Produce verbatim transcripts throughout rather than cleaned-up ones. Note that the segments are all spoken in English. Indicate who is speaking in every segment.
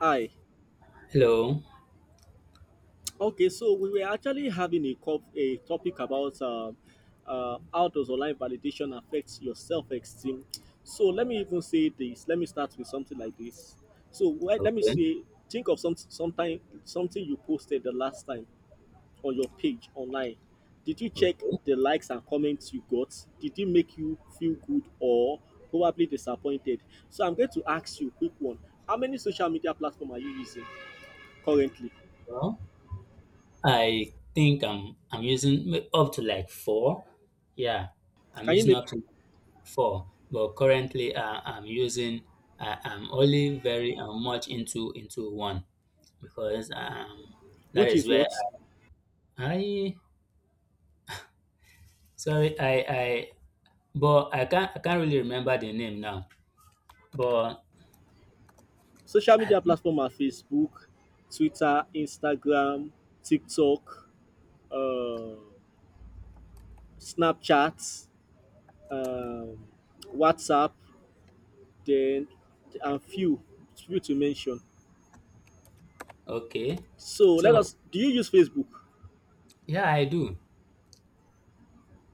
Speaker 1: Hi.
Speaker 2: Hello.
Speaker 1: Okay, so we were actually having a, cop- a topic about um uh, how does online validation affect your self-esteem. So let me even say this. Let me start with something like this. So wh- let me
Speaker 2: Okay.
Speaker 1: say, think of some sometime something you posted the last time on your page online. Did you check
Speaker 2: Okay.
Speaker 1: the likes and comments you got? Did it make you feel good or probably disappointed? So I'm going to ask you a quick one. How many social media platform are you using currently?
Speaker 2: Well, I think I'm I'm using m- up to like four. Yeah, I'm
Speaker 1: Can you
Speaker 2: using
Speaker 1: name?
Speaker 2: up to like four. But currently, uh, I'm using. I I'm only very uh, much into into one because um that
Speaker 1: Which
Speaker 2: is
Speaker 1: is
Speaker 2: where
Speaker 1: what
Speaker 2: I sorry I I but I can't I can't really remember the name now. But
Speaker 1: social
Speaker 2: I
Speaker 1: media
Speaker 2: think.
Speaker 1: platform are Facebook, Twitter, Instagram, TikTok, uh, Snapchat, um, WhatsApp, then and few few to mention.
Speaker 2: Okay.
Speaker 1: So let
Speaker 2: So
Speaker 1: us. Do you use Facebook?
Speaker 2: yeah, I do.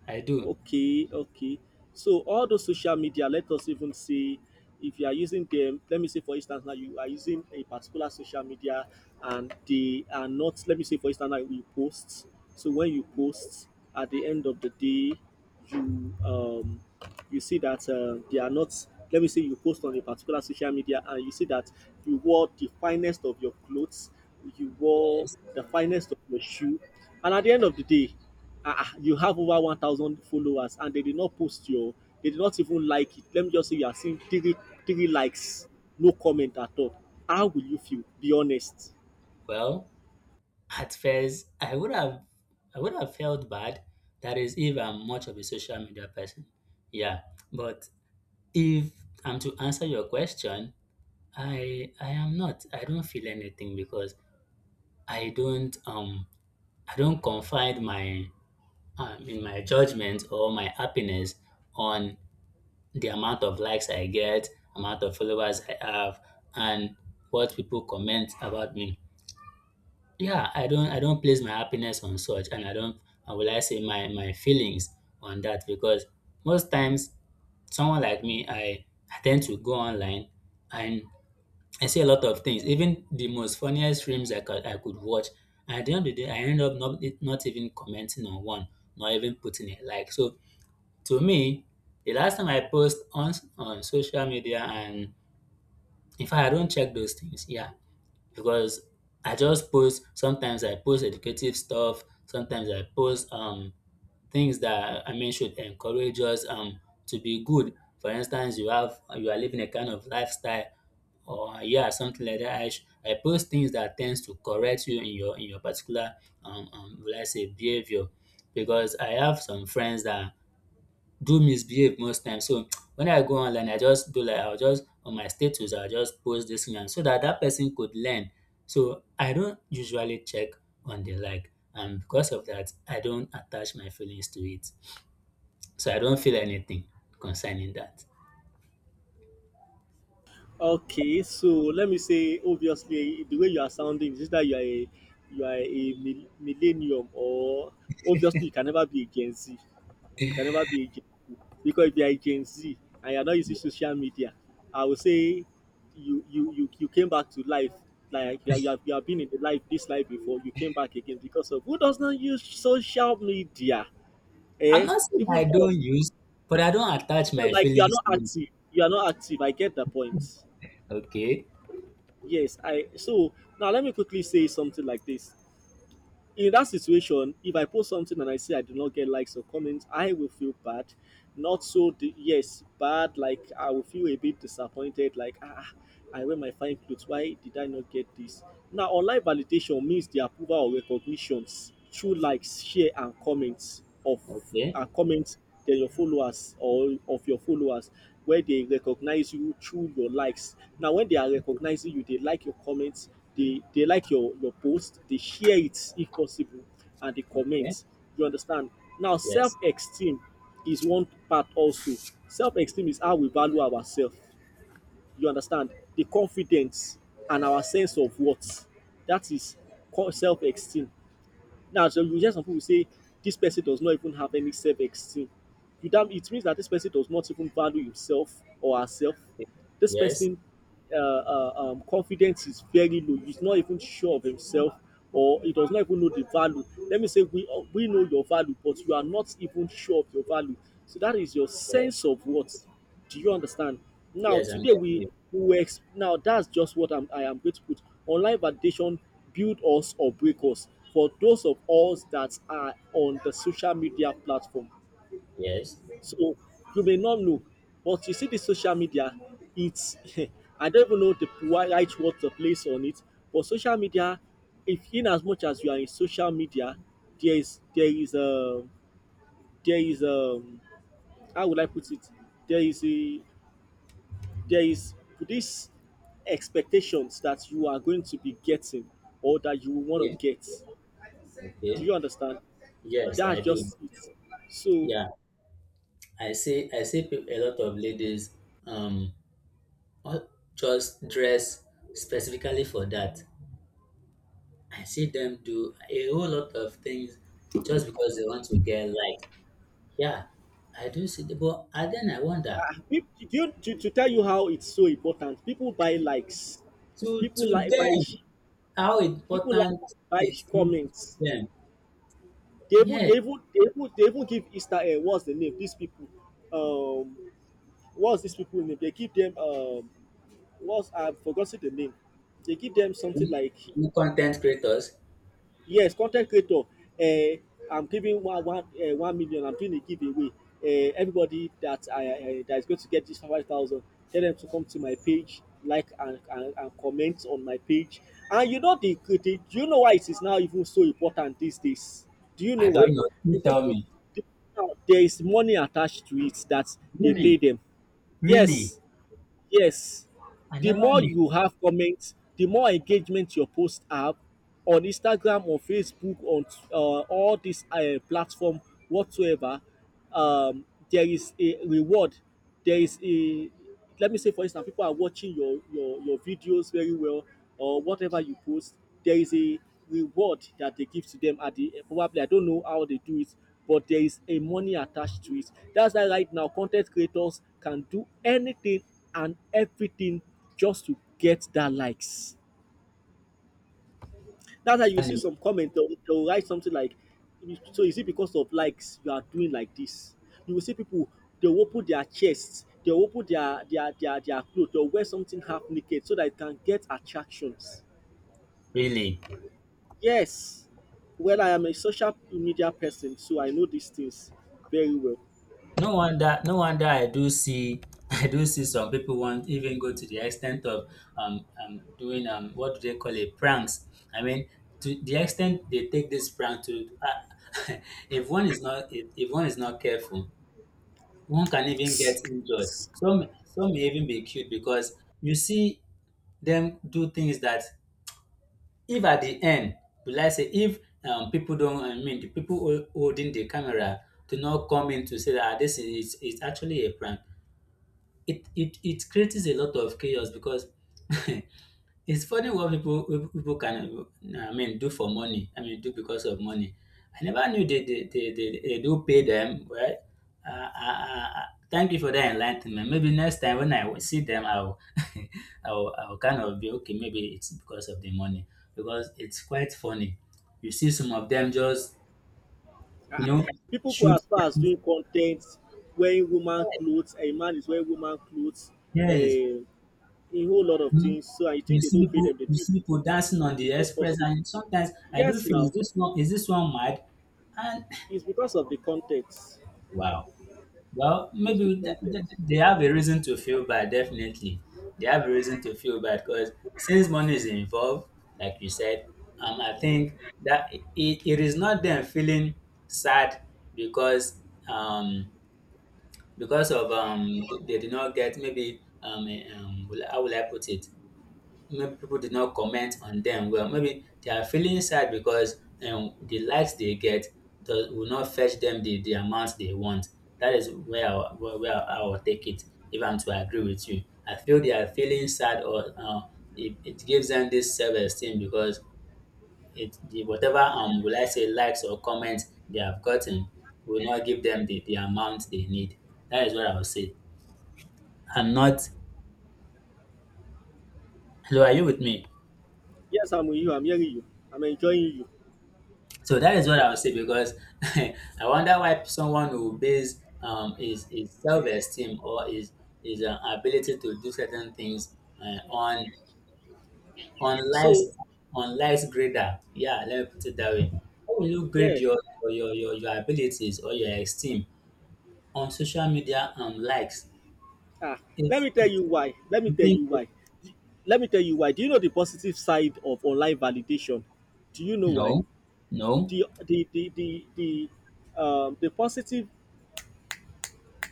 Speaker 2: I do.
Speaker 1: Okay, okay. So all those social media, let us even say if you are using them, let me say for instance now you are using a particular social media and they are not, let me say for instance now you post. So when you post at the end of the day, you um you see that uh, they are not, let me say you post on a particular social media and you see that you wore the finest of your clothes, you wore
Speaker 2: Yes.
Speaker 1: the finest of your shoe, and at the end of the day ah, ah, you have over one thousand followers and they did not post your, they did not even like it, let me just say you are seeing three three likes, no comment at all. How will you feel? Be honest.
Speaker 2: Well, at first, I would have I would have felt bad. That is, if I'm much of a social media person. Yeah. But if I'm to answer your question, I I am not. I don't feel anything because I don't um I don't confide my um, in my judgment or my happiness on the amount of likes I get, amount of followers I have, and what people comment about me. Yeah, I don't I don't place my happiness on such, and I don't, and will I say my my feelings on that because most times someone like me, I, I tend to go online and I see a lot of things, even the most funniest streams I could I could watch, and at the end of the day I end up not not even commenting on one, not even putting a like. So to me, the last time I post on on social media, and in fact I don't check those things, yeah, because I just post. Sometimes I post educative stuff, sometimes I post um things that, I mean, should encourage us um to be good. For instance, you have, you are living a kind of lifestyle, or yeah, something like that. I, sh- I post things that tends to correct you in your in your particular, um, um will I say, behavior, because I have some friends that do misbehave most times. So when I go online, I just do like I'll just on my status, I'll just post this thing, and so that that person could learn. So I don't usually check on the like, and because of that, I don't attach my feelings to it. So I don't feel anything concerning that.
Speaker 1: Okay, so let me say, obviously, the way you are sounding is that you are a you are a mil- millennium, or obviously you can never be a Gen Z. You can never be a Gen Z because if you are a Gen Z and you are not using social media, I would say you you you, you came back to life. Like you, are- you have you have been in the life this life before. You came back again because of who does not use social media,
Speaker 2: I'm
Speaker 1: eh?
Speaker 2: not saying
Speaker 1: Even
Speaker 2: I don't
Speaker 1: us,
Speaker 2: use, but I don't attach
Speaker 1: you know,
Speaker 2: my
Speaker 1: like you are
Speaker 2: feelings
Speaker 1: not
Speaker 2: to it.
Speaker 1: active. You are not active. I get the point.
Speaker 2: Okay,
Speaker 1: Yes, I so now let me quickly say something like this. In that situation, if I post something and I say I do not get likes or comments, I will feel bad. Not so, the, yes, bad. Like I will feel a bit disappointed. Like ah, I wear my fine clothes. Why did I not get this? Now, online validation means the approval or recognitions through likes, share, and comments of
Speaker 2: okay,
Speaker 1: uh, comments than your followers or of your followers where they recognize you through your likes. Now, when they are recognizing you, they like your comments, they, they like your, your post, they share it if possible, and they
Speaker 2: okay.
Speaker 1: comment. You understand? Now, self
Speaker 2: Yes,
Speaker 1: esteem is one part also. Self esteem is how we value ourselves. You understand? The confidence and our sense of worth. That is self esteem. Now, so you hear some people say this person does not even have any self-esteem. You damn, it means that this person does not even value himself or herself.
Speaker 2: okay.
Speaker 1: This
Speaker 2: Yes,
Speaker 1: person uh, uh, um, confidence is very low. He's not even sure of himself, or he does not even know the value. Let me say we uh, we know your value, but you are not even sure of your value. So that is your
Speaker 2: yes,
Speaker 1: sense of what. Do you understand? Now
Speaker 2: yes. I'm
Speaker 1: today
Speaker 2: getting
Speaker 1: we
Speaker 2: you.
Speaker 1: we were ex- now that's just what I'm, I am going to put. Online validation build us or break us. For those of us that are on the social media platform,
Speaker 2: Yes,
Speaker 1: so you may not know, but you see the social media, it's I don't even know the wi- right word to place on it, but social media, if in as much as you are in social media, there is there is a there is a how would I put it? There is a there is this expectations that you are going to be getting or that you want
Speaker 2: okay,
Speaker 1: to get. Do
Speaker 2: okay.
Speaker 1: you understand?
Speaker 2: Yes, I
Speaker 1: That's
Speaker 2: do.
Speaker 1: just it. So
Speaker 2: Yeah. I see I see peop- a lot of ladies, um all- just dress specifically for that. I see them do a whole lot of things just because they want to get likes. Yeah, I do see, the but, and then I wonder,
Speaker 1: Peop- do you, to, to tell you how it's so important, people buy likes,
Speaker 2: to to
Speaker 1: people like buy, sh-
Speaker 2: them how
Speaker 1: people like
Speaker 2: important
Speaker 1: buy
Speaker 2: it is
Speaker 1: sh-
Speaker 2: to
Speaker 1: comments.
Speaker 2: them.
Speaker 1: They even, they
Speaker 2: Yes,
Speaker 1: even, they even, they even give Easter egg. What's the name? These people, um, what's these people name? They give them um, what's I've forgotten the name. They give them something
Speaker 2: mm,
Speaker 1: like
Speaker 2: you content creators.
Speaker 1: yes content creator um I'm giving one one um one million, I'm doing a giveaway, um, everybody that I um that is going to get this five thousand, tell them to come to my page like and and and comment on my page. And you know the the, do you know why it is now even so important these days, do you
Speaker 2: I
Speaker 1: know
Speaker 2: don't
Speaker 1: why?
Speaker 2: know. You
Speaker 1: Because
Speaker 2: tell
Speaker 1: of
Speaker 2: me.
Speaker 1: the, now there is money attached to it, that they pay
Speaker 2: Really,
Speaker 1: them.
Speaker 2: really.
Speaker 1: Yes, yes.
Speaker 2: I
Speaker 1: The
Speaker 2: never
Speaker 1: more
Speaker 2: knew.
Speaker 1: you have comments, the more engagement your posts have on Instagram on Facebook on uh, all this uh, platform whatsoever. Um, there is a reward. There is a, let me say for instance, people are watching your your your videos very well or whatever you post. There is a reward that they give to them at the probably I don't know how they do it, but there is a money attached to it. That's why right now content creators can do anything and everything just to get that likes. That's how
Speaker 2: I
Speaker 1: you
Speaker 2: never
Speaker 1: see
Speaker 2: knew.
Speaker 1: some comment. They'll, they'll write something like, "So is it because of likes you are doing like this?" You will see people, they'll open their chests, they'll open their their their their clothes, they'll wear something half naked so that it can get attractions.
Speaker 2: Really.
Speaker 1: Yes, well, I am a social media person, so I know these things very well.
Speaker 2: No wonder, no wonder I do see, I do see some people want even go to the extent of um, um doing, um what do they call it, pranks. I mean, to the extent they take this prank to, uh, if one is not if, if one is not careful, one can even get injured. Some some may even be killed because you see them do things that, if at the end, will I say, if um people don't, I mean the people hol- holding the camera do not come in to say that, ah, this is it's actually a prank, it it it creates a lot of chaos because it's funny what people what people can, I mean, do for money. I mean, do because of money. I never knew they they, they, they, they do pay them, right. Uh, uh, uh, thank you for that enlightenment. Maybe next time when I see them, I'll I'll, I'll kind of be okay. Maybe it's because of the money, because it's quite funny. You see some of them just, you know
Speaker 1: People go
Speaker 2: shoot
Speaker 1: as far as
Speaker 2: friends.
Speaker 1: doing content, wearing woman clothes, a man is wearing woman clothes,
Speaker 2: Yes, yes.
Speaker 1: eh, a whole lot of
Speaker 2: you
Speaker 1: things. So I
Speaker 2: you
Speaker 1: think they
Speaker 2: see
Speaker 1: don't pay
Speaker 2: people
Speaker 1: them, they
Speaker 2: you
Speaker 1: do
Speaker 2: see
Speaker 1: it.
Speaker 2: people dancing on the
Speaker 1: It's not
Speaker 2: express,
Speaker 1: possible.
Speaker 2: and sometimes I do
Speaker 1: Yes,
Speaker 2: feel,
Speaker 1: now,
Speaker 2: is this one is this one mad? And
Speaker 1: it's because of the context.
Speaker 2: wow. Well,
Speaker 1: It's the
Speaker 2: maybe th- th-
Speaker 1: context.
Speaker 2: they have a reason to feel bad, definitely. They have a reason to feel bad because, since money is involved, like you said, um I think that it, it is not them feeling sad because, um because of um they did not get, maybe, um, eh, um will- how will I put it, maybe people did not comment on them well. Maybe they are feeling sad because, um, the likes they get do, will not fetch them the, the amount they want. That is where I, where, where I will take it, if I'm to agree with you. I feel they are feeling sad, or, uh, it, it gives them this self-esteem because it the, whatever, um will I say, likes or comments they have gotten will not give them the, the amount they need. That is what I would say. I'm not. Hello, are you with me?
Speaker 1: Yes, I'm with you, I'm hearing you, I'm enjoying you.
Speaker 2: So that is what I would say, because I wonder why someone will base, um, his, his self esteem or his, his uh, ability to do certain things, uh, on on
Speaker 1: So,
Speaker 2: life's on life's grader. Yeah, let me put it that way. How will you grade
Speaker 1: yeah.
Speaker 2: your your, your, your your abilities or your esteem on social media and likes?
Speaker 1: Ah, let
Speaker 2: It's
Speaker 1: me tell
Speaker 2: it's
Speaker 1: you why. Let me tell
Speaker 2: something-
Speaker 1: you why. D- Let me tell you why. Do you know the positive side of online validation? Do you know why?
Speaker 2: no, no,
Speaker 1: The the the the the um the positive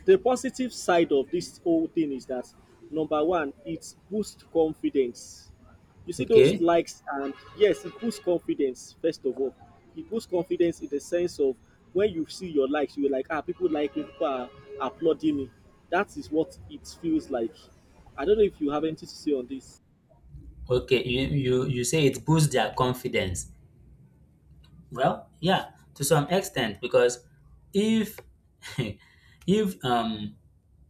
Speaker 1: the positive side of this whole thing is that number one, it boosts confidence. You see those
Speaker 2: okay,
Speaker 1: likes, and yes, it boosts confidence, first of all. It boosts confidence in the sense of when you see your likes, you're like, ah, people like me, people are applauding me. That is what it feels like. I don't know if you have anything to say on this.
Speaker 2: okay. You you you say it boosts their confidence. Well, yeah, to some extent, because if if um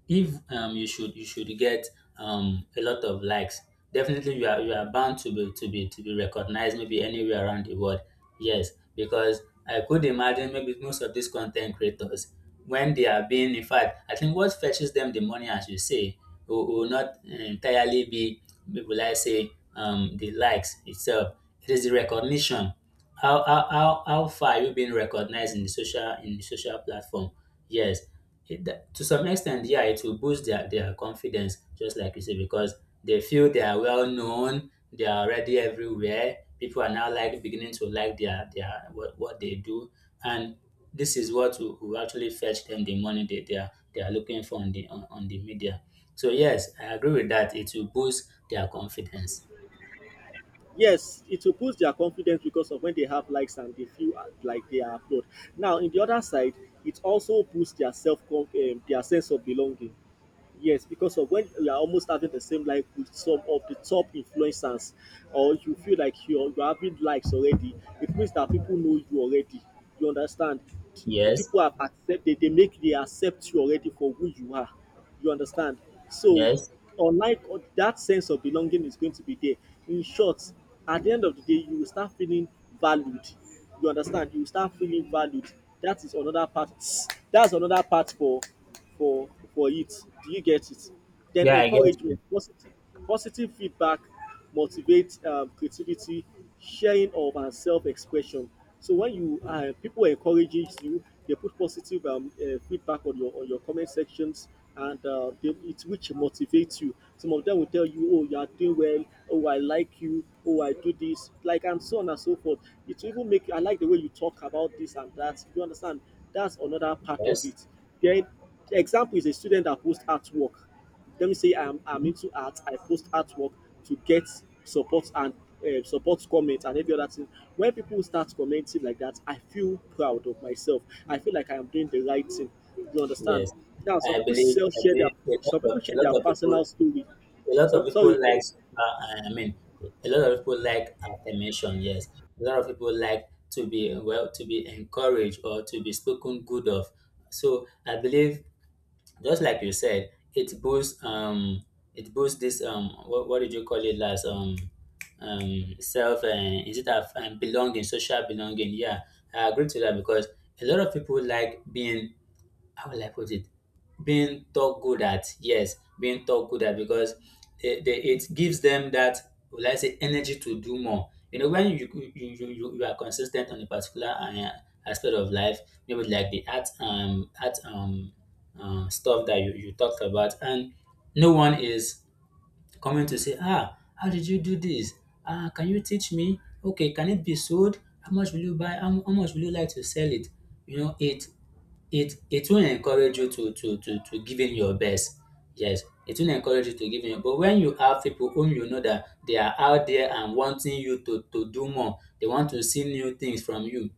Speaker 2: if um you should you should get um a lot of likes, definitely you are you are bound to be to be to be recognized maybe anywhere around the world. Yes, because I could imagine maybe most of these content creators, when they are being in fact I think what fetches them the money, as you say, will, will not entirely be, will I say, um the likes itself. It is the recognition. How how how, how, far are you being recognized in the social in the social platform? Yes, it that, to some extent, yeah, it will boost their their confidence, just like you say, because they feel they are well known, they are already everywhere. People are now like beginning to like their their what, what they do, and this is what will, will actually fetch them the money they, they are they are looking for on the on, on the media. So yes, I agree with that. It will boost their confidence.
Speaker 1: Yes, it will boost their confidence because of when they have likes and they feel uh, like they are applauded. Now, in the other side, it also boosts their self, um, their sense of belonging. Yes, because of when you are almost having the same life with some of the top influencers, or you feel like you're, you're having likes already, it means that people know you already. You understand? The
Speaker 2: Yes,
Speaker 1: people have accepted, they make they accept you already for who you are. You understand? So,
Speaker 2: yes,
Speaker 1: unlike o- that sense of belonging is going to be there. In short, at the end of the day, you will start feeling valued. You understand? You will start feeling valued. That is another part. That's another part for for for it. Do you get it? Then
Speaker 2: yeah, I get
Speaker 1: encouragement,
Speaker 2: you.
Speaker 1: positive positive feedback motivates um, creativity, sharing of and self-expression. So when you uh, people encourages you, they put positive um, uh, feedback on your on your comment sections, and uh, they, it which motivates you. Some of them will tell you, oh you are doing well, oh I like you, oh I do this like and so on and so forth. It will even make you, I like the way you talk about this and that, you understand? That's another part of
Speaker 2: Yes,
Speaker 1: it. Then the example is a student that posts artwork. Let me say I'm I'm into art. I post artwork to get support and uh, support comments and every other thing. When people start commenting like that, I feel proud of myself. I feel like I am doing the right thing. You understand?
Speaker 2: yes.
Speaker 1: Now some
Speaker 2: I
Speaker 1: people
Speaker 2: believe
Speaker 1: sell
Speaker 2: I
Speaker 1: share
Speaker 2: believe
Speaker 1: their
Speaker 2: a lot
Speaker 1: some
Speaker 2: of
Speaker 1: people
Speaker 2: a
Speaker 1: share their
Speaker 2: lot of people
Speaker 1: personal story.
Speaker 2: a lot of
Speaker 1: Some
Speaker 2: people
Speaker 1: sorry, let
Speaker 2: like
Speaker 1: me
Speaker 2: uh, i mean a lot of people like affirmation, yes, a lot of people like to be, well, to be encouraged or to be spoken good of. So I believe, just like you said, it boosts um it boosts this, um what, what did you call it last, um um self, and is it a, um, belonging, social belonging, yeah. I agree to that, because a lot of people like being, how will I put it, being taught good at, yes, being taught good at, because they, they, it gives them that, will I say, energy to do more. You know, when you, you, you, you you are consistent on a particular, uh, aspect of life, maybe like the art um art um uh, stuff that you, you talked about, and no one is coming to say, ah, how did you do this? Ah, can you teach me? Okay, can it be sold? How much will you buy? How, how much will you like to sell it? You know, it it it will encourage you to to to to giving your best. Yes, it will encourage you to giving your but when you have people whom you know that they are out there and wanting you to to do more, they want to see new things from you.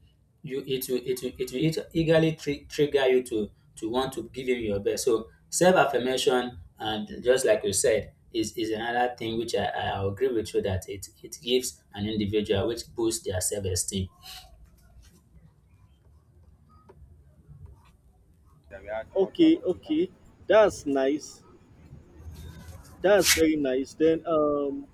Speaker 2: You it will it will it will eag- eagerly tri- trigger you to to want to give him your best. So self affirmation, and just like you said, is is another thing which I, I agree with you that it it gives an individual, which boosts their self esteem.
Speaker 1: okay, okay. That's nice. That's very nice. Then um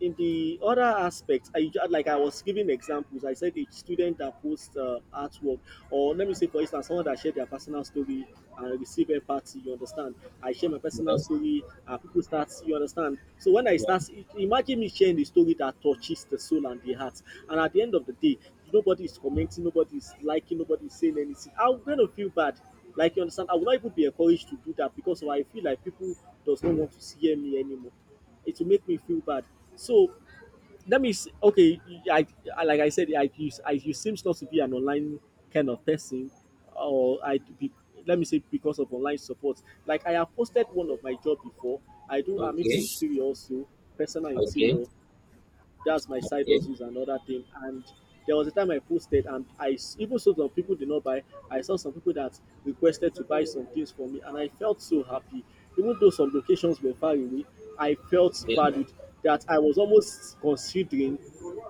Speaker 1: in the other aspects, I ju- like I was giving examples. I said a student that posts uh, artwork, or let me say, for instance, someone that shared their personal story and receive empathy. You understand? I share my personal
Speaker 2: Yes.
Speaker 1: story, and people start. You understand? So when I
Speaker 2: Yeah.
Speaker 1: start, imagine me sharing the story that touches the soul and the heart, and at the end of the day, nobody is commenting, nobody is liking, nobody is saying anything. I'm gonna feel bad. Like you understand, I will not even be encouraged to do that because I feel like people does not want to hear me anymore, it will make me feel bad. So that means okay. I, I like I said, I you, I you seems not to be an online kind of person, or I be, let me say because of online support. Like I have posted one of my job before. I do. I'm into
Speaker 2: Okay.
Speaker 1: interior also, personal
Speaker 2: Okay.
Speaker 1: interior, that's my side hustles and other thing, and there was a time I posted and i s- even so some people did not buy. I saw some people that requested to buy some things for me and I felt so happy, even though some locations were far away. I felt
Speaker 2: Okay.
Speaker 1: valued, that I was almost considering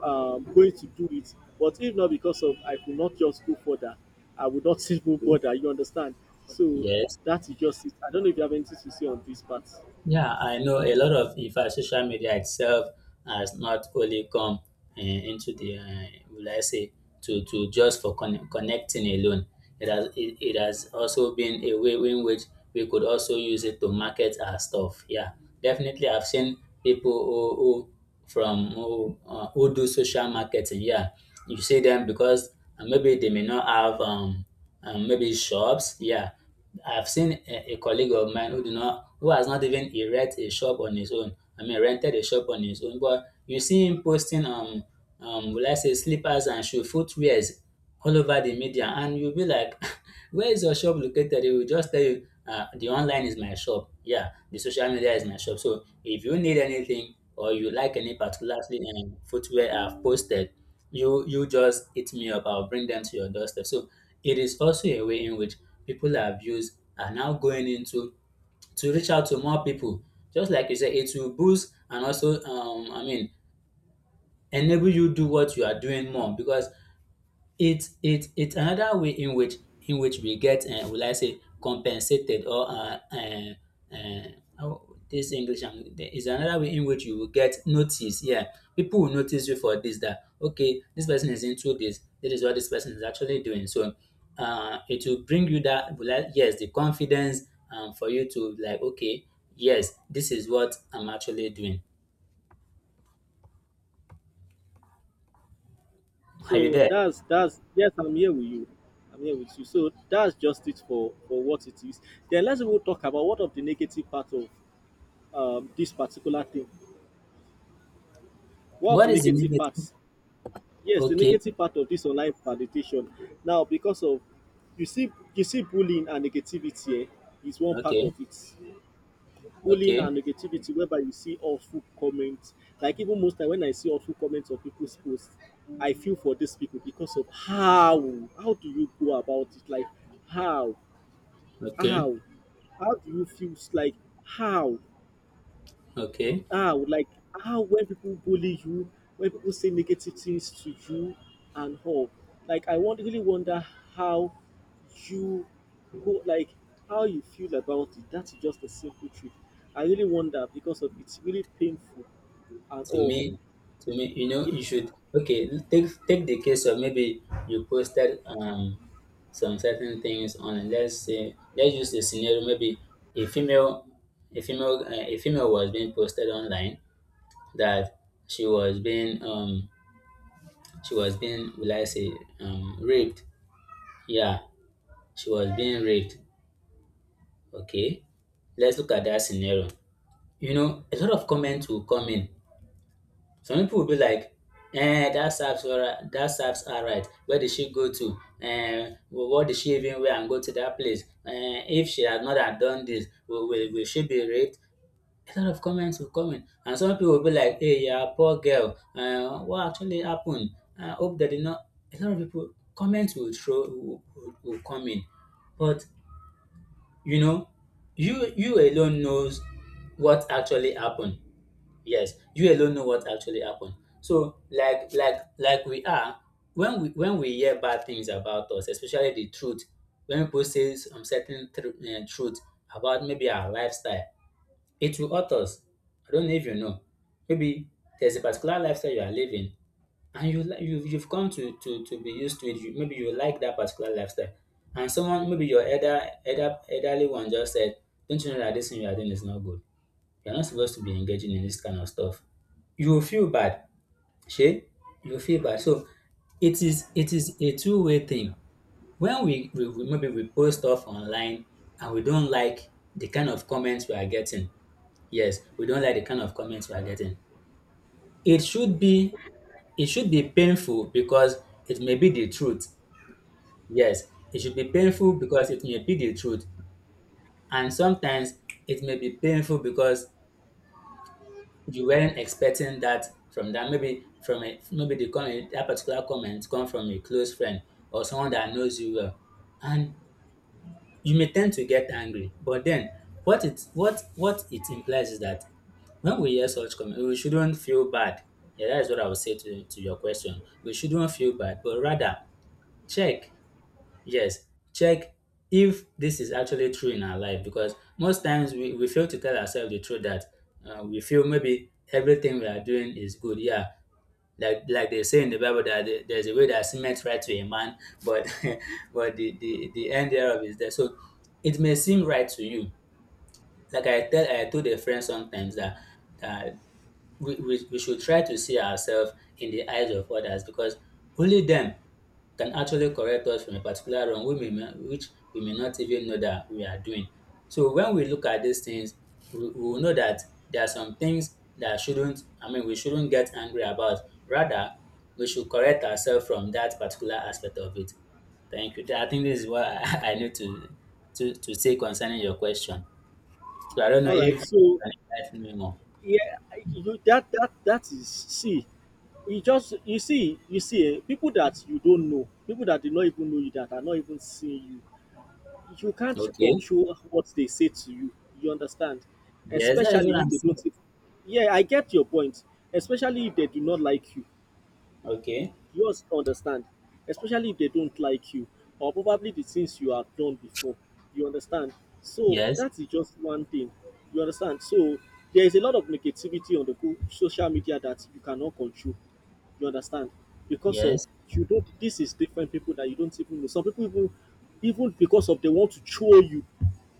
Speaker 1: um, going to do it, but if not because of I could not just go further, I would not even bother, you understand. So
Speaker 2: Yes.
Speaker 1: that is just it. I don't know if you have anything to say on this part.
Speaker 2: Yeah, I know a lot of, in fact, social media itself has not only come uh, into the, uh, will I say, to, to just for con- connecting alone. It has, it, it has also been a way in which we could also use it to market our stuff. Yeah, definitely. I've seen people who, who from who, uh, who do social marketing. Yeah, you see them because, uh, maybe they may not have, um, um, maybe shops. Yeah, I've seen a, a colleague of mine who did not, who has not even erect a shop on his own. I mean, rented a shop on his own. But you see him posting, um, um, will I say, slippers and shoe footwears all over the media, and you'll be like, "Where is your shop located?" He will just tell you, uh, "The online is my shop. Yeah, the social media is my shop. So if you need anything or you like any particular um, footwear I've posted, you you just hit me up. I'll bring them to your doorstep. So it is also a way in which people have used, are now going into to reach out to more people. Just like you said, it will boost, and also um i mean enable you do what you are doing more because it it it's another way in which in which we get um will I say compensated or um um um how this English am is another way in which you will get notice. Yeah, people will notice you for this, that okay, this person is into this, this is what this person is actually doing. So um it will bring you that, will I, yes, the confidence um for you to like okay, yes, this is what I'm actually doing. Are you
Speaker 1: So
Speaker 2: there?
Speaker 1: that's that's yes, I'm here with you. I'm here with you. So that's just it for for what it is. Then let's even talk about what of the negative part of um, this particular thing. What of
Speaker 2: What
Speaker 1: the
Speaker 2: is the
Speaker 1: negative
Speaker 2: negative?
Speaker 1: parts? Yes, the
Speaker 2: Okay,
Speaker 1: negative part of this online validation. Now, because of you see, you see bullying and negativity, eh, is one part of
Speaker 2: okay,
Speaker 1: it. Bullying
Speaker 2: okay,
Speaker 1: and negativity whereby you see awful comments. Like even most time when I see awful comments on people's posts, I feel for these people because of how how do you go about it? Like how,
Speaker 2: okay,
Speaker 1: how how do you feel like, how
Speaker 2: okay.
Speaker 1: ah like how, when people bully you, when people say negative things to you and all, like I want really wonder how you go, like how you feel about it, that's just a simple truth. I really wonder because of it's really painful and
Speaker 2: to
Speaker 1: all.
Speaker 2: me to me you know,
Speaker 1: Yeah.
Speaker 2: you should okay, take take the case of maybe you posted um some certain things on, let's say, let's use the scenario maybe a female, a female uh, a female was being posted online, that she was being um she was being, will I say, um raped. Yeah, she was being raped, okay. Let's look at that scenario. You know, a lot of comments will come in. Some people will be like, "eh, dat serves dat serves her right, where did she go to, um what did she even wear and go to that place, um if she had not had done this, will will will she be raped?" A lot of comments will come in, and some people will be like, "hey you are a poor girl," um "what actually happened?" I "hope that did not". A lot of people comments will throw, will will will come in, but you know, you you alone knows what actually happened. Yes, you alone know what actually happened. So, like, like, like we are, when we when we hear bad things about us, especially the truth, when people say some certain tru- eh, truth about maybe our lifestyle, it will hurt us. I don't know if you know. Maybe there's a particular lifestyle you are living, and you li- you you've come to to to be used to it. You, maybe you like that particular lifestyle, and someone, maybe your elder elder elderly one just said, "Don't you know that this thing you are doing is not good. You're not supposed to be engaging in this kind of stuff." You will feel bad. Shay, you will feel bad. So it is it is a two-way thing. When we, we, we maybe we post stuff online and we don't like the kind of comments we are getting. Yes, we don't like the kind of comments we are getting. It should be it should be painful because it may be the truth. Yes, it should be painful because it may be the truth. And sometimes it may be painful because you weren't expecting that from that, maybe from a, maybe the comment, that particular comment come from a close friend or someone that knows you well, and you may tend to get angry, but then what it what what it implies is that when we hear such comment, we shouldn't feel bad. Yeah, that is what I would say to, to your question. We shouldn't feel bad, but rather check. Yes, check if this is actually true in our life, because most times we, we fail to tell ourselves the truth that uh, we feel maybe everything we are doing is good. Yeah, like like they say in the Bible, that there- there's a way that cement right to a man, but but the, the, the end thereof is there. So it may seem right to you. Like I tell I told a friend sometimes that, that we, we, we should try to see ourselves in the eyes of others, because only them can actually correct us from a particular wrong we may not, which we may not even know that we are doing. So when we look at these things, we, we will know that there are some things that shouldn't, I mean, we shouldn't get angry about. Rather, we should correct ourselves from that particular aspect of it. Thank you. I think this is what I, I need to, to to say concerning your question. So I don't know
Speaker 1: All
Speaker 2: if you
Speaker 1: right, so
Speaker 2: can enlighten me more.
Speaker 1: yeah, I- you that that that is, see, you just, you see, you see eh, people that you don't know, people that do not even know you, that are not even seeing you. You can't
Speaker 2: Okay.
Speaker 1: control what they say to you. You understand?
Speaker 2: Yes, that is what
Speaker 1: Especially if
Speaker 2: I'm
Speaker 1: they
Speaker 2: saying.
Speaker 1: don't. If, yeah, I get your point. Especially if they do not like you.
Speaker 2: Okay.
Speaker 1: You also understand. Especially if they don't like you, or probably the things you have done before. You understand? So
Speaker 2: Yes,
Speaker 1: that is just one thing. You understand? So there is a lot of negativity on the go- social media that you cannot control. You understand? Because of
Speaker 2: yes,
Speaker 1: you don't. This is different people that you don't even know. Some people even, even because of they want to troll you,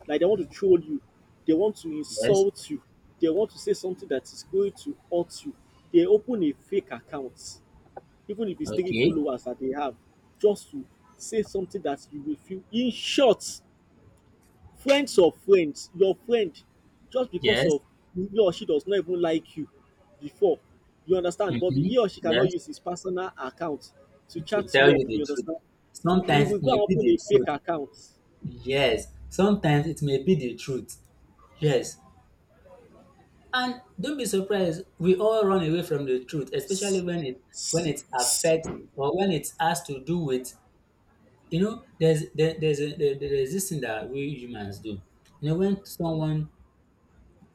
Speaker 1: like they want to troll you, they want to
Speaker 2: yes,
Speaker 1: insult you, they want to say something that is going to hurt you. They open a fake account, even if it's three
Speaker 2: okay,
Speaker 1: followers that they have, just to say something that you will feel. In short, friends of friends, your friend, just because
Speaker 2: yes,
Speaker 1: of he or she does not even like you before, you understand, but
Speaker 2: mm-hmm,
Speaker 1: he or she cannot
Speaker 2: yes,
Speaker 1: use his personal account to
Speaker 2: to
Speaker 1: chat
Speaker 2: tell
Speaker 1: you up,
Speaker 2: you the
Speaker 1: you
Speaker 2: truth.
Speaker 1: understand? He
Speaker 2: Sometimes
Speaker 1: will
Speaker 2: it
Speaker 1: go
Speaker 2: may
Speaker 1: and
Speaker 2: be
Speaker 1: open
Speaker 2: the
Speaker 1: a fake
Speaker 2: truth.
Speaker 1: account.
Speaker 2: Yes, sometimes it may be the truth. Yes. And don't be surprised, we all run away from the truth, especially when it when it affects, or when it has to do with, you know, there's there, there's a, there, there's this thing that we humans do. You know, when someone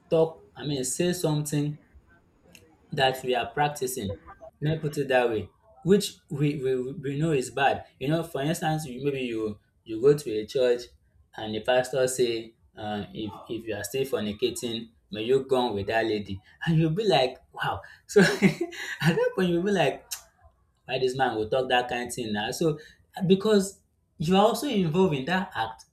Speaker 2: talk, I mean, say something that we are practicing. Let me put it that way, which we, we, we know is bad. You know, for instance, you, maybe you you go to a church and the pastor say, uh, if if you are still fornicating, may you go with that lady, and you'll be like, wow. So at that point, you'll be like, why this man will talk that kind of thing now? So because you are also involved in that act.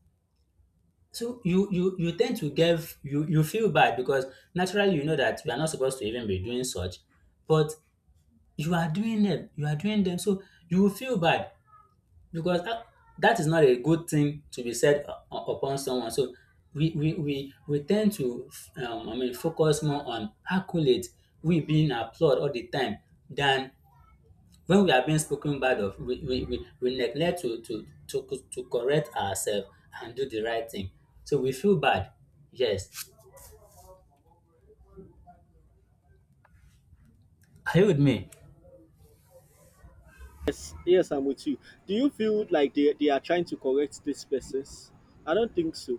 Speaker 2: So you you you tend to give, you you feel bad because naturally you know that you are not supposed to even be doing such, but you are doing them, you are doing them so you will feel bad, because that, that is not a good thing to be said u- u- upon someone. So we we we, we tend to um, I mean focus more on accolades, we being applauded all the time, than when we are being spoken bad of, we we, we, we neglect to, to to to correct ourselves and do the right thing. So we feel bad. Yes, are you with me?
Speaker 1: Yes, yes, I'm with you. Do you feel like they, they are trying to correct these persons? I don't think so.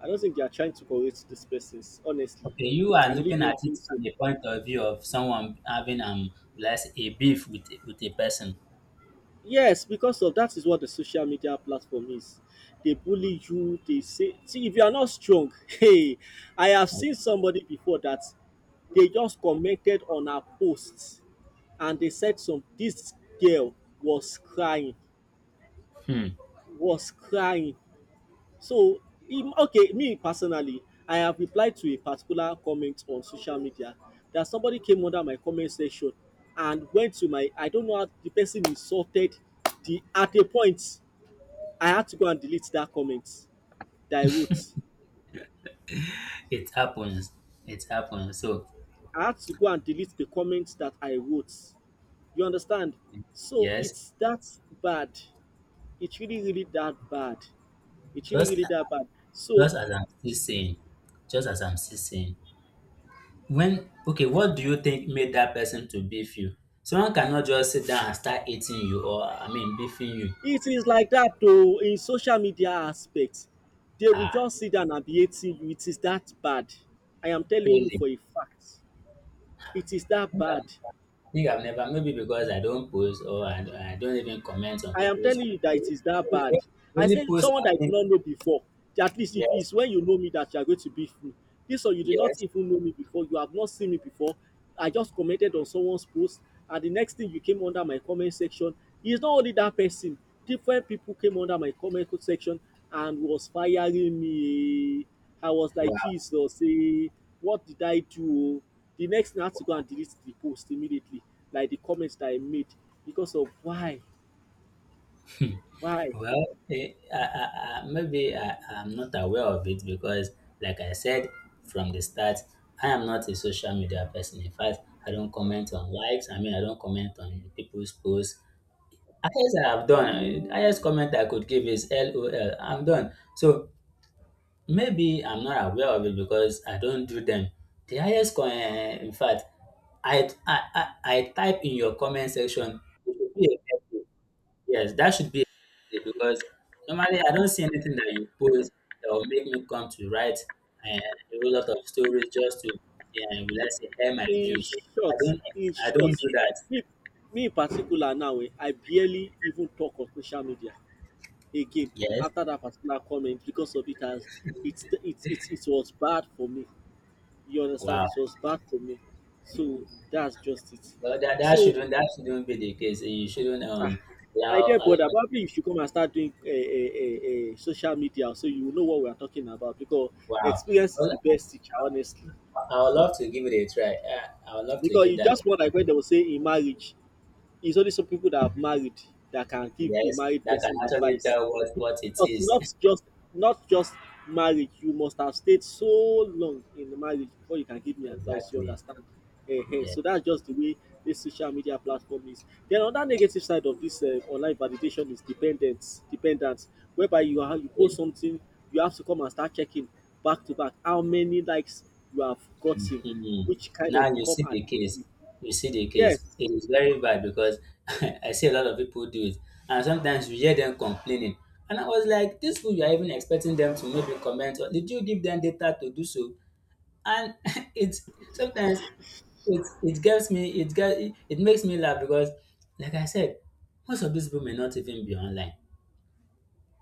Speaker 1: I don't think they are trying to correct these persons, honestly.
Speaker 2: Okay, you are
Speaker 1: I really
Speaker 2: looking at
Speaker 1: don't
Speaker 2: it
Speaker 1: think so.
Speaker 2: from the point of view of someone having um let's say, a beef with with a person.
Speaker 1: Yes, because of that is what the social media platform is. They bully you, they say, see if you are not strong, hey, I have seen somebody before that they just commented on her posts and they said some, this girl was crying,
Speaker 2: Hmm.
Speaker 1: was crying. So, im okay, me personally, I have replied to a particular comment on social media that somebody came under my comment section and went to my, I don't know how the person insulted the, at a point I had to go and delete that comment that I wrote.
Speaker 2: It happens. It happens. So
Speaker 1: I had to go and delete the comment that I wrote. You understand? So
Speaker 2: yes,
Speaker 1: it's that bad. It's really, really that bad. It's really,
Speaker 2: just
Speaker 1: really that bad. So,
Speaker 2: just as I'm still saying, just as I'm still saying, when okay, what do you think made that person to beef you? Someone cannot just sit down and start eating you, or I mean beefing you.
Speaker 1: it is like that, oh, in social media aspect they will
Speaker 2: Ah,
Speaker 1: just sit down and be hating you, it is that bad. I am telling you
Speaker 2: really?
Speaker 1: for a fact, it is that bad.
Speaker 2: I think I've never, maybe because I don't post, or I, I don't even comment on
Speaker 1: I am
Speaker 2: people's.
Speaker 1: telling you that it
Speaker 2: The
Speaker 1: is that bad. I
Speaker 2: only
Speaker 1: said
Speaker 2: post
Speaker 1: someone
Speaker 2: I
Speaker 1: that I did
Speaker 2: think,
Speaker 1: not know before. At least if
Speaker 2: yes,
Speaker 1: it's when you know me that you are going to be free. This, or you did not
Speaker 2: yes.
Speaker 1: even know me before. You have not seen me before. I just commented on someone's post, and the next thing you came under my comment section. It's not only that person. Different people came under my comment section and was firing me. I was like,
Speaker 2: Wow.
Speaker 1: Jesus, eh, what did I do, oh? The next thing I had to go and delete the post immediately, like the comments that I made, because of why, why.
Speaker 2: Well, eh, I, I, I, maybe I, I'm not aware of it because, like I said from the start, I am not a social media person. In fact, I don't comment on likes. I mean, I don't comment on people's posts. I guess I have done. eh, Highest comment I could give is LOL. I'm done. So maybe I'm not aware of it because I don't do them. The highest, co- eh, in fact, I, I I I type in your comment section. It should be a. Yes, that should be a, because normally I don't see anything that you post that will make me come to write eh, a whole lot of stories just to, yeah, let's say air my
Speaker 1: In
Speaker 2: views. I
Speaker 1: short,
Speaker 2: don't
Speaker 1: in
Speaker 2: I don't
Speaker 1: short,
Speaker 2: do that.
Speaker 1: me, me in particular now, um, I barely even talk on social media again
Speaker 2: Yes.
Speaker 1: after that particular comment because of it has, it it it it was bad for me. You understand?
Speaker 2: Wow.
Speaker 1: It was bad for me. So that's just it.
Speaker 2: Well, that, that
Speaker 1: So
Speaker 2: shouldn't that shouldn't be the case. You shouldn't
Speaker 1: ah,
Speaker 2: um
Speaker 1: my
Speaker 2: allow
Speaker 1: dear
Speaker 2: allow.
Speaker 1: brother, probably you should come and start doing uh, uh, uh, social media so you will know what we are talking about, because
Speaker 2: Wow.
Speaker 1: experience is
Speaker 2: Well,
Speaker 1: the best teacher, honestly.
Speaker 2: I would love to give it a try. Uh, I would love to
Speaker 1: Because
Speaker 2: give
Speaker 1: it's
Speaker 2: that. a-.
Speaker 1: just more like when they will say in marriage, it's only some people that have married that can give a
Speaker 2: Yes,
Speaker 1: married
Speaker 2: that can
Speaker 1: person
Speaker 2: actually
Speaker 1: advice.
Speaker 2: tell what what it
Speaker 1: Because
Speaker 2: is.
Speaker 1: not just not just marriage, you must have stayed so long in the marriage before you can give me advice. You
Speaker 2: Exactly.
Speaker 1: understand? Eh-heh.
Speaker 2: Yeah.
Speaker 1: So that's just the way this social media platform is. Then another negative side of this uh, online validation is dependence, dependence, whereby you are, you post something, you have to come and start checking back to back how many likes you have gotten,
Speaker 2: Mhm.
Speaker 1: which kind
Speaker 2: Now
Speaker 1: of
Speaker 2: you
Speaker 1: become
Speaker 2: see the
Speaker 1: addictive.
Speaker 2: case. You see the case.
Speaker 1: Yes.
Speaker 2: It is very bad because I see a lot of people do it, and sometimes you hear them complaining. And I was like, these people, you are even expecting them to maybe comment. Or did you give them data to do so? And it's sometimes it it gets me it get it makes me laugh because like I said, most of these people may not even be online.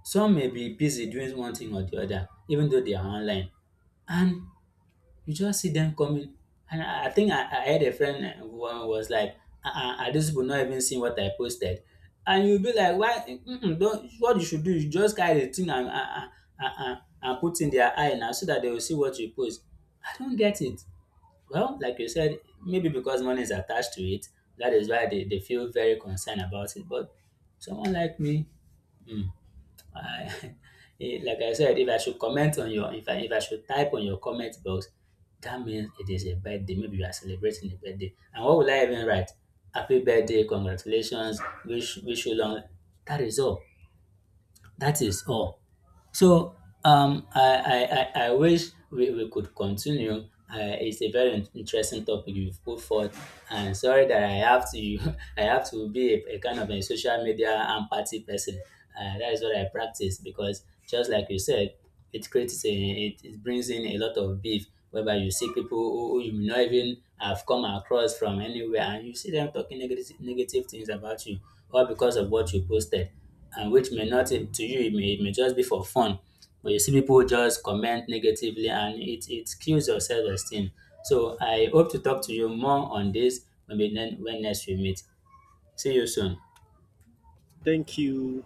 Speaker 2: Some may be busy doing one thing or the other, even though they are online. And you just see them coming. And i, I think I, I had a friend uh, who was like, uh-uh, are these people not even seeing what I posted? And you'll be like, why, mm-mm, don't, what you should do is just carry the thing and uh, uh, uh, uh, and put in their eye now, so that they will see what you post. I don't get it. Well, like you said, maybe because money is attached to it, that is why they, they feel very concerned about it. But someone like me, hmm, I, eh, like I said, if I should comment on your, if I, if I should type on your comment box, that means it is a birthday. Maybe you are celebrating a birthday. And what will I even write? Happy birthday, congratulations, wish, wish you long. That is all. That is all. So um, I, I, I, I wish we, we could continue. Uh, it's a very in- interesting topic you've put forth, and sorry that I have to I have to be a, a kind of a social media and party person. Uh, that is what I practice, because just like you said, it creates a, it, it brings in a lot of beef, whereby you see people who, who you may not even have come across from anywhere, and you see them talking negative negative things about you all because of what you posted, and which may not, to you it may, it may just be for fun, but you see people just comment negatively and it it kills your self-esteem. So I hope to talk to you more on this, maybe then when next we meet. See you soon.
Speaker 1: Thank you.